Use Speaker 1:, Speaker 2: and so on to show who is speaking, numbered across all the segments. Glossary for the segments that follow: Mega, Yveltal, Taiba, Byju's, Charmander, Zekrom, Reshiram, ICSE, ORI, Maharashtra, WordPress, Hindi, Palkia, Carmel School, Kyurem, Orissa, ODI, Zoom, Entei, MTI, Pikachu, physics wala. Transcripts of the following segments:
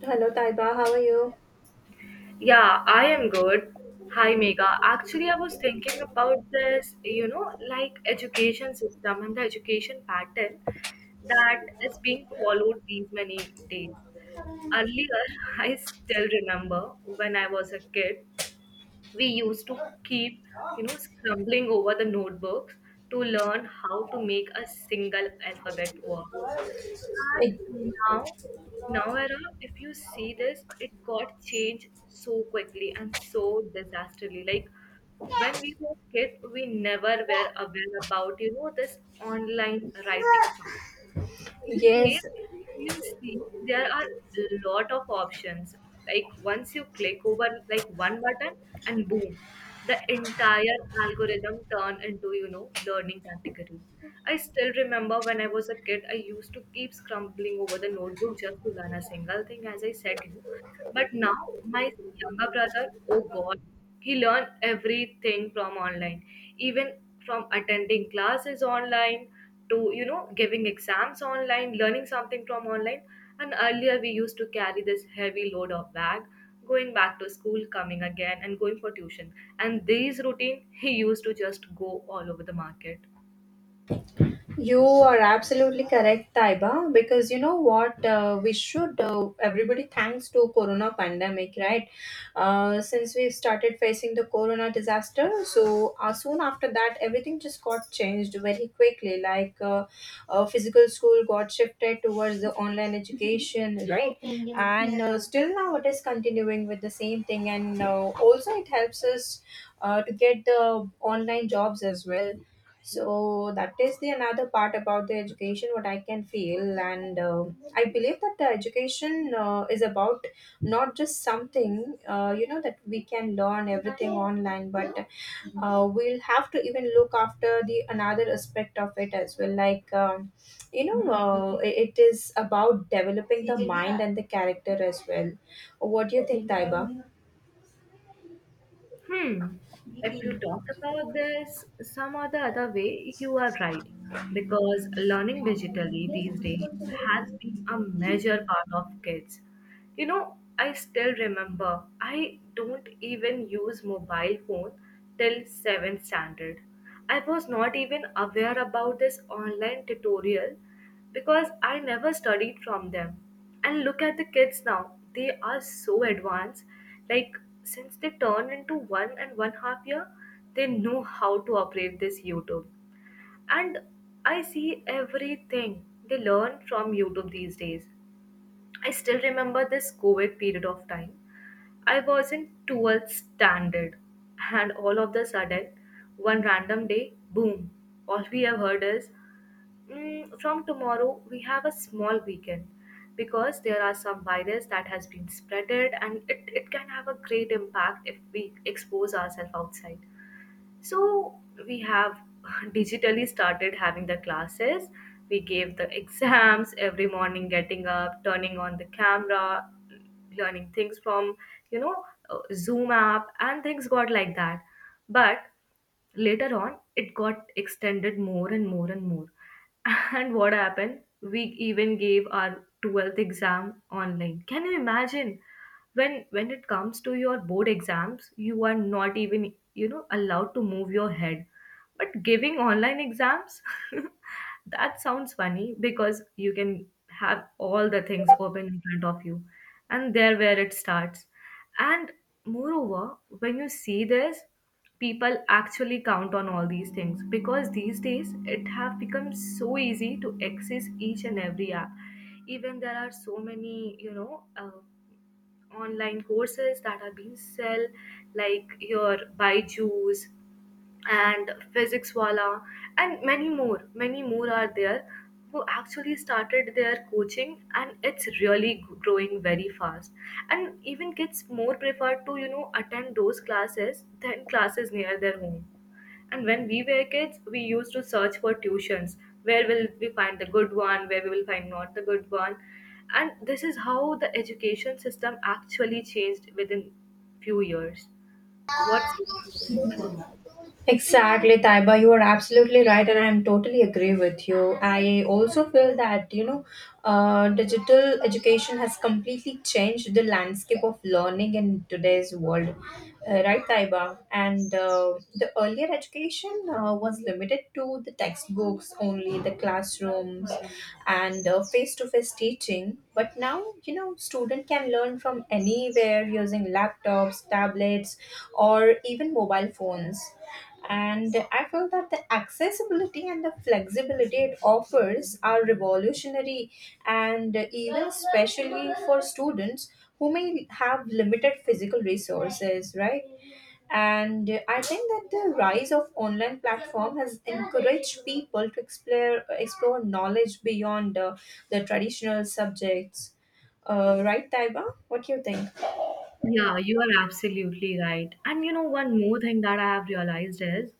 Speaker 1: Hello, Taiba. How are you?
Speaker 2: Yeah, I am good. Hi, Mega. Actually, I was thinking about this, like education system and the education pattern that is being followed these many days. Earlier, I still remember when I was a kid, we used to keep scrambling over the notebooks to learn how to make a single alphabet work.
Speaker 1: Eh,
Speaker 2: And now era, if you see this, it got changed so quickly and so disastrously. Like when we were kids, we never were aware about this online writing. These days,
Speaker 1: Yes,
Speaker 2: if you see, there are a lot of options. Like once you click over like one button and boom, the entire algorithm turn into learning category. I still remember when I was a kid, I used to keep scrambling over the notebook just to learn a single thing, as I said you. But now my younger brother, oh God, he learned everything from online, even from attending classes online to giving exams online, learning something from online. And earlier we used to carry this heavy load of bag, going back to school, coming again, and going for tuition. And these routine he used to just go all over the market.
Speaker 1: You are absolutely correct, Taiba, because you know what? We should, everybody, thanks to Corona pandemic, right? Since we started facing the Corona disaster, so soon after that, everything just got changed very quickly. Like physical school got shifted towards the online education, right? And still now it is continuing with the same thing, and also it helps us to get the online jobs as well, so that is the another part about the education, what I can feel, and I believe that the education is about not just something that we can learn everything online, but we'll have to even look after the another aspect of it as well, like. It is about developing the mind and the character as well. What do you think, Taiba?
Speaker 2: Hmm. If you talk about this some or the other way, you are right. Because learning digitally these days has been a major part of kids. You know, I still remember I don't even use mobile phone till 7th standard. I was not even aware about this online tutorial because I never studied from them. And look at the kids now. They are so advanced. Like since they turn into one and one half year, they know how to operate this YouTube. And I see everything they learn from YouTube these days. I still remember this COVID period of time. I wasn't towards standard, and all of the sudden, one random day, boom! All we have heard is, "Mm, from tomorrow we have a small weekend because there are some virus that has been spreaded and it can have a great impact if we expose ourselves outside. So we have digitally started having the classes. We gave the exams every morning, getting up, turning on the camera, learning things from, you know, Zoom app, and things got like that. But later on it got extended more and more and more. And what happened, we even gave our 12th exam online. Can you imagine, when it comes to your board exams, you are not even, you know, allowed to move your head, but giving online exams? That sounds funny because you can have all the things open in front of you, and there where it starts. And moreover, when you see this, people actually count on all these things because these days it have become so easy to access each and every app. Even there are so many online courses that are being sell, like your Byju's and physics wala, and many more, many more are there who actually started their coaching, and it's really growing very fast. And even kids more prefer to, you know, attend those classes than classes near their home. And when we were kids, we used to search for tuitions, where will we find the good one, where we will find not the good one. And this is how the education system actually changed within few years. What's your opinion on this?
Speaker 1: Exactly, Taiba. You are absolutely right, and I am totally agree with you. I also feel that digital education has completely changed the landscape of learning in today's world, right, Taiba? And the earlier education was limited to the textbooks only, the classrooms, and face to face teaching. But now, you know, student can learn from anywhere using laptops, tablets, or even mobile phones, and I feel that the accessibility and the flexibility it offers are revolutionary, and even especially for students who may have limited physical resources, right? And I think that the rise of online platform has encouraged people to explore knowledge beyond the traditional subjects. Right, Taiba, what do you think?
Speaker 2: Yeah, you are absolutely right. And you know, one more thing that I have realized is,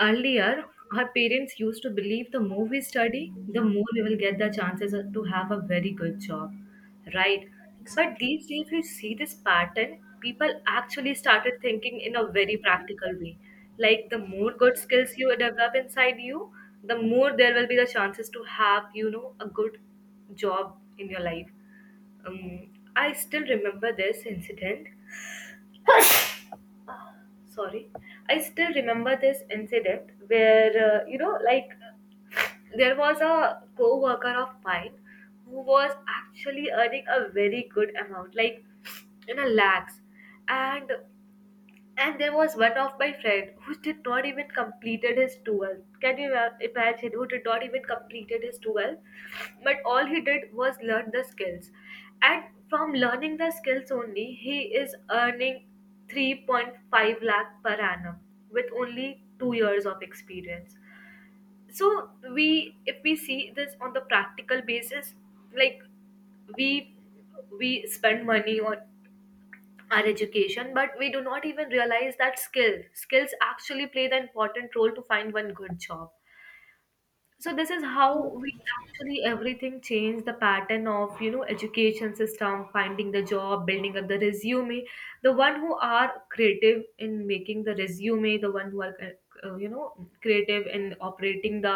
Speaker 2: earlier, our parents used to believe the more we study, the more we will get the chances of- to have a very good job, right? But these days, we see this pattern. People actually started thinking in a very practical way. Like, the more good skills you develop inside you, the more there will be the chances to have, you know, a good job in your life. Um, I still remember this incident sorry I still remember this incident where, like there was a co-worker of mine who was actually earning a very good amount, like in a lakhs. And and there was one of my friend who did not even completed his 12th. Can you imagine who did not even completed his 12th? But all he did was learn the skills. And from learning the skills only, he is earning 3.5 lakh per annum with only 2 years of experience. So we if we see this on the practical basis, like we we spend money on our education, but we do not even realize that skills actually play the important role to find one good job. So this is how we actually everything change the pattern of, you know, education system, finding the job, building up the resume. The one who are creative in making the resume, the one who are, uh, you know creative in operating the,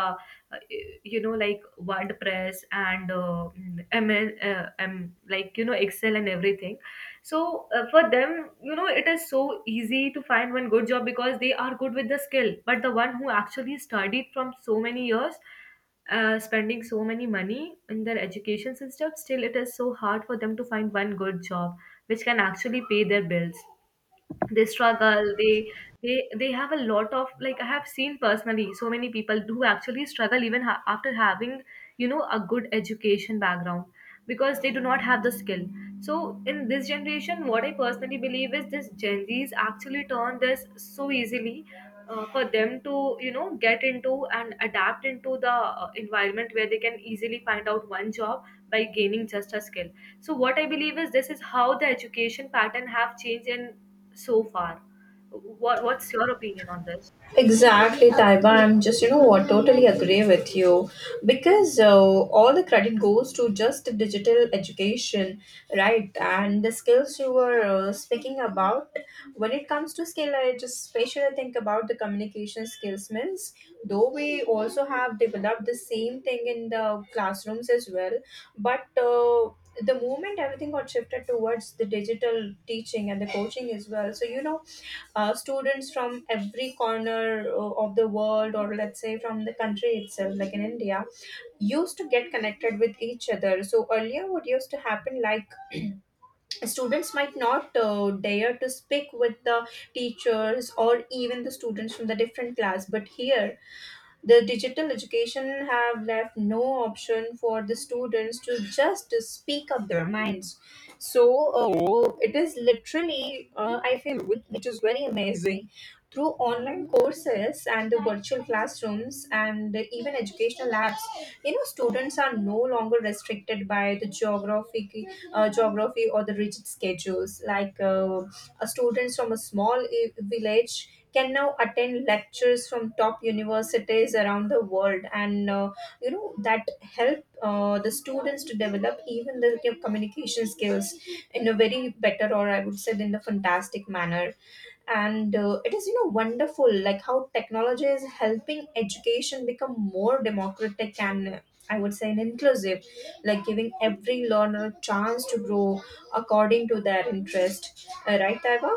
Speaker 2: uh, like wordpress, and like, you know, excel and everything. So, for them, you know, it is so easy to find one good job because they are good with the skill. But the one who actually studied from so many years, spending so many money in their education system, still it is so hard for them to find one good job which can actually pay their bills. They struggle, they, they have a lot of, like, I have seen personally so many people who actually struggle even after having, you know, a good education background because they do not have the skill. So in this generation, what I personally believe is this gen z's actually turn this so easily, for them to, you know, get into and adapt into the, environment where they can easily find out one job by gaining just a skill. So what I believe is this is how the education pattern have changed in so far. What's your opinion on this?
Speaker 1: Exactly, Taiba. I'm just, you know what, totally agree with you because all the credit goes to just the digital education, right? And the skills you were speaking about. When it comes to skill, I just especially think about the communication skills. Means, though we also have developed the same thing in the classrooms as well, but the moment everything got shifted towards the digital teaching and the coaching as well. So, you know, students from every corner of the world, or let's say from the country itself, like in India, used to get connected with each other. So earlier what used to happen, like students might not dare to speak with the teachers or even the students from the different class, but here the digital education have left no option for the students to just speak up their minds. So it is literally, I feel, which is very amazing. Through online courses and the virtual classrooms and even educational apps, you know, students are no longer restricted by the geography or the rigid schedules. Like students from a small village can now attend lectures from top universities around the world, and you know that help the students to develop even the communication skills in a very better, or I would say in a fantastic manner. And it is, you know, wonderful like how technology is helping education become more democratic and, I would say, and inclusive, like giving every learner a chance to grow according to their interest, right, Taiba?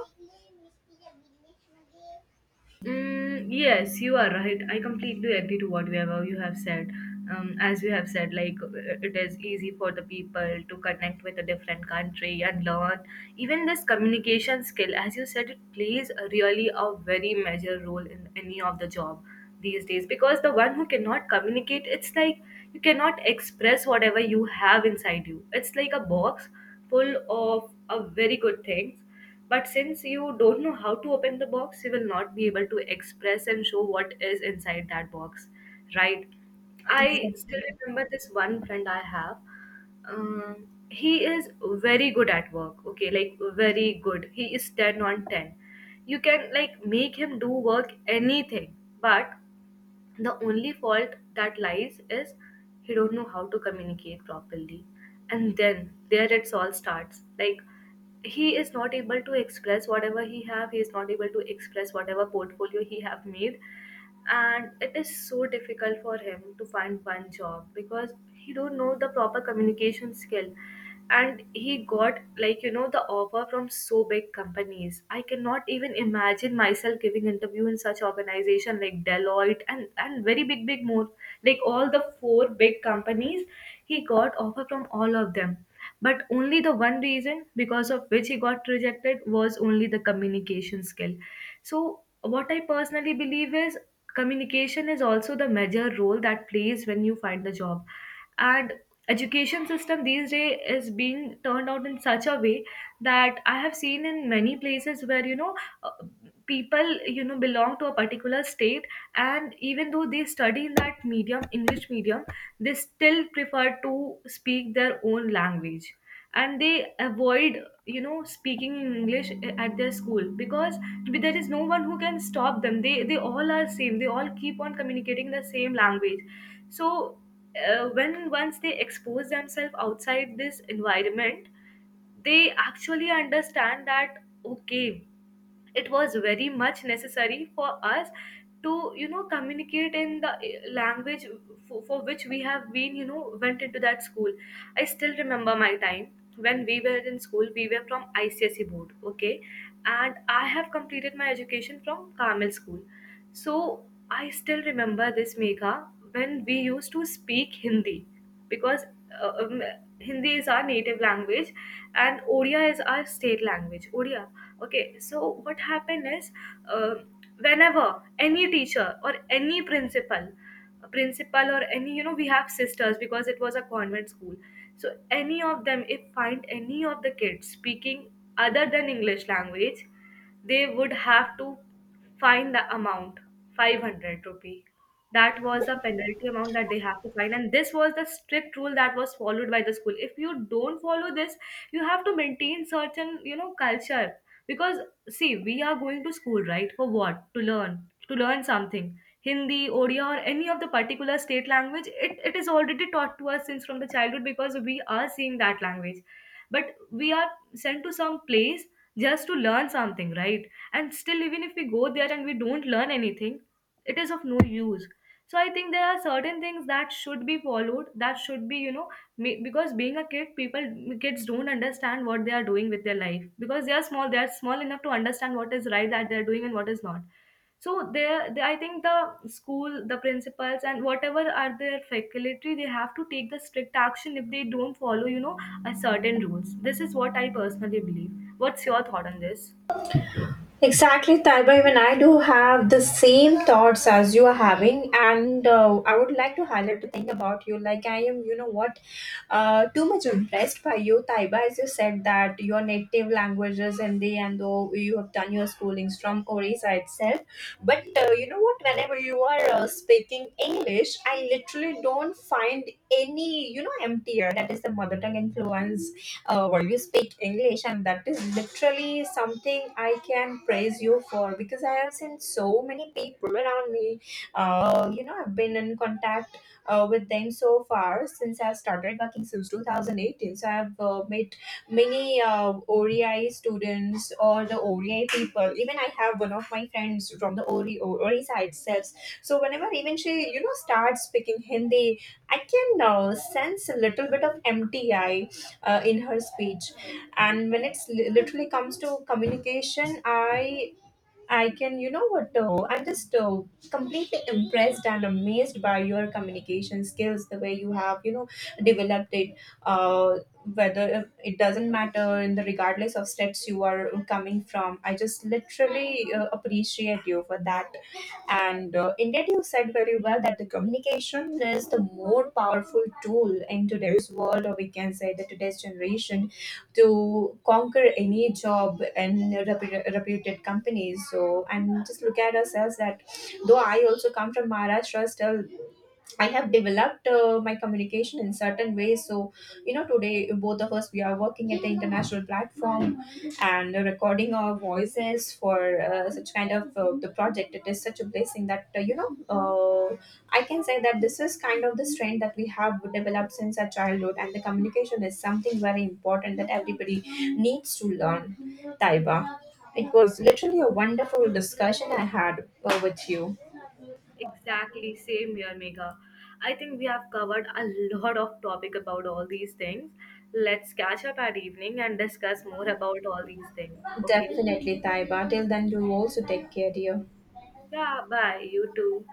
Speaker 2: Mm, yes, you are right. I completely agree to what we have, you have said. As you have said, like, it is easy for the people to connect with a different country and learn. Even this communication skill, as you said, it plays a really a very major role in any of the job these days because the one who cannot communicate, it's like you cannot express whatever you have inside you. It's like a box full of a very good things, but since you don't know how to open the box, you will not be able to express and show what is inside that box, right? I still remember this one friend I have. He is very good at work, okay, like very good. He is 10 on 10. You can like make him do work anything, but the only fault that lies is he don't know how to communicate properly. And then there it's all starts, like he is not able to express whatever he have, he is not able to express whatever portfolio he have made, and it is so difficult for him to find one job because he don't know the proper communication skill. And he got, like, you know, the offer from so big companies. I cannot even imagine myself giving interview in such organization like Deloitte, and very big big more, like all the four big companies. He got offer from all of them, but only the one reason because of which he got rejected was only the communication skill. So, what I personally believe is communication is also the major role that plays when you find the job. And education system these days is being turned out in such a way that I have seen in many places where, you know, uh, people, you know, belong to a particular state, and even though they study in that medium, English medium, they still prefer to speak their own language and they avoid, you know, speaking in English at their school because there is no one who can stop them. They all are same, they all keep on communicating the same language. So, when once they expose themselves outside this environment, they actually understand that, okay, it was very much necessary for us to, you know, communicate in the language for which we have been, you know, went into that school. I still remember my time when we were in school, we were from ICSE board, okay, and I have completed my education from Carmel School. So I still remember this Megha when we used to speak Hindi, because, uh, um, Hindi is our native language and Odia is our state language. Odia. Okay, so what happened is, uh, whenever any teacher or any principal or any, you know, we have sisters because it was a convent school. So any of them, if find any of the kids speaking other than English language, they would have to fine the amount ₹500. That was the penalty amount that they have to fine, and this was the strict rule that was followed by the school. If you don't follow this, you have to maintain certain, you know, culture. Because, see, we are going to school, right, for what? To learn something. Hindi, Odia, or any of the particular state language, it is already taught to us since from the childhood because we are seeing that language, but we are sent to some place just to learn something, right? And still, even if we go there and we don't learn anything, it is of no use. So I think there are certain things that should be followed, that should be, you know, because being a kid, people kids don't understand what they are doing with their life because they are small, they are small enough to understand what is right that they are doing and what is not. So I think the school, the principals, and whatever are their faculty, they have to take the strict action if they don't follow, you know, a certain rules. This is what I personally believe. What's your thought on this?
Speaker 1: Exactly, Taiba. Even I do have the same thoughts as you are having, and I would like to highlight the thing about you. Like I am, you know what, too much impressed by you, Taiba. As you said that your native language is Hindi, and though you have done your schoolings from Orissa itself, but you know what, whenever you are speaking English, I literally don't find any, you know, emptier. That is the mother tongue influence where you speak English, and that is literally something I can praise you for, because I have seen so many people around me. You know, I've been in contact with them so far since I started working since 2018. So I've made many ODI students or the ODI people. Even I have one of my friends from the ORI side itself. So whenever even she, you know, starts speaking Hindi, I can sense a little bit of MTI in her speech. And when literally comes to communication, I can, you know what, though? I'm just completely impressed and amazed by your communication skills, the way you have, you know, developed it. Uh, whether it doesn't matter in the regardless of states you are coming from, I just literally appreciate you for that. And indeed, you said very well that the communication is the more powerful tool in today's world, or we can say the today's generation, to conquer any job and reputed companies. So and just look at ourselves, that though I also come from Maharashtra, still I have developed my communication in certain ways. So, you know, today both of us we are working at the international platform and recording our voices for such kind of the project. It is such a blessing that I can say that this is kind of the strength that we have developed since our childhood, and the communication is something very important that everybody needs to learn. Taiba, it was literally a wonderful discussion I had with you.
Speaker 2: Exactly, same here, Megha. I think we have covered a lot of topic about all these things. Let's catch up at evening and discuss more about all these things. Okay.
Speaker 1: Definitely, Taiba. Till then, you also take care, dear.
Speaker 2: Yeah, bye. You too.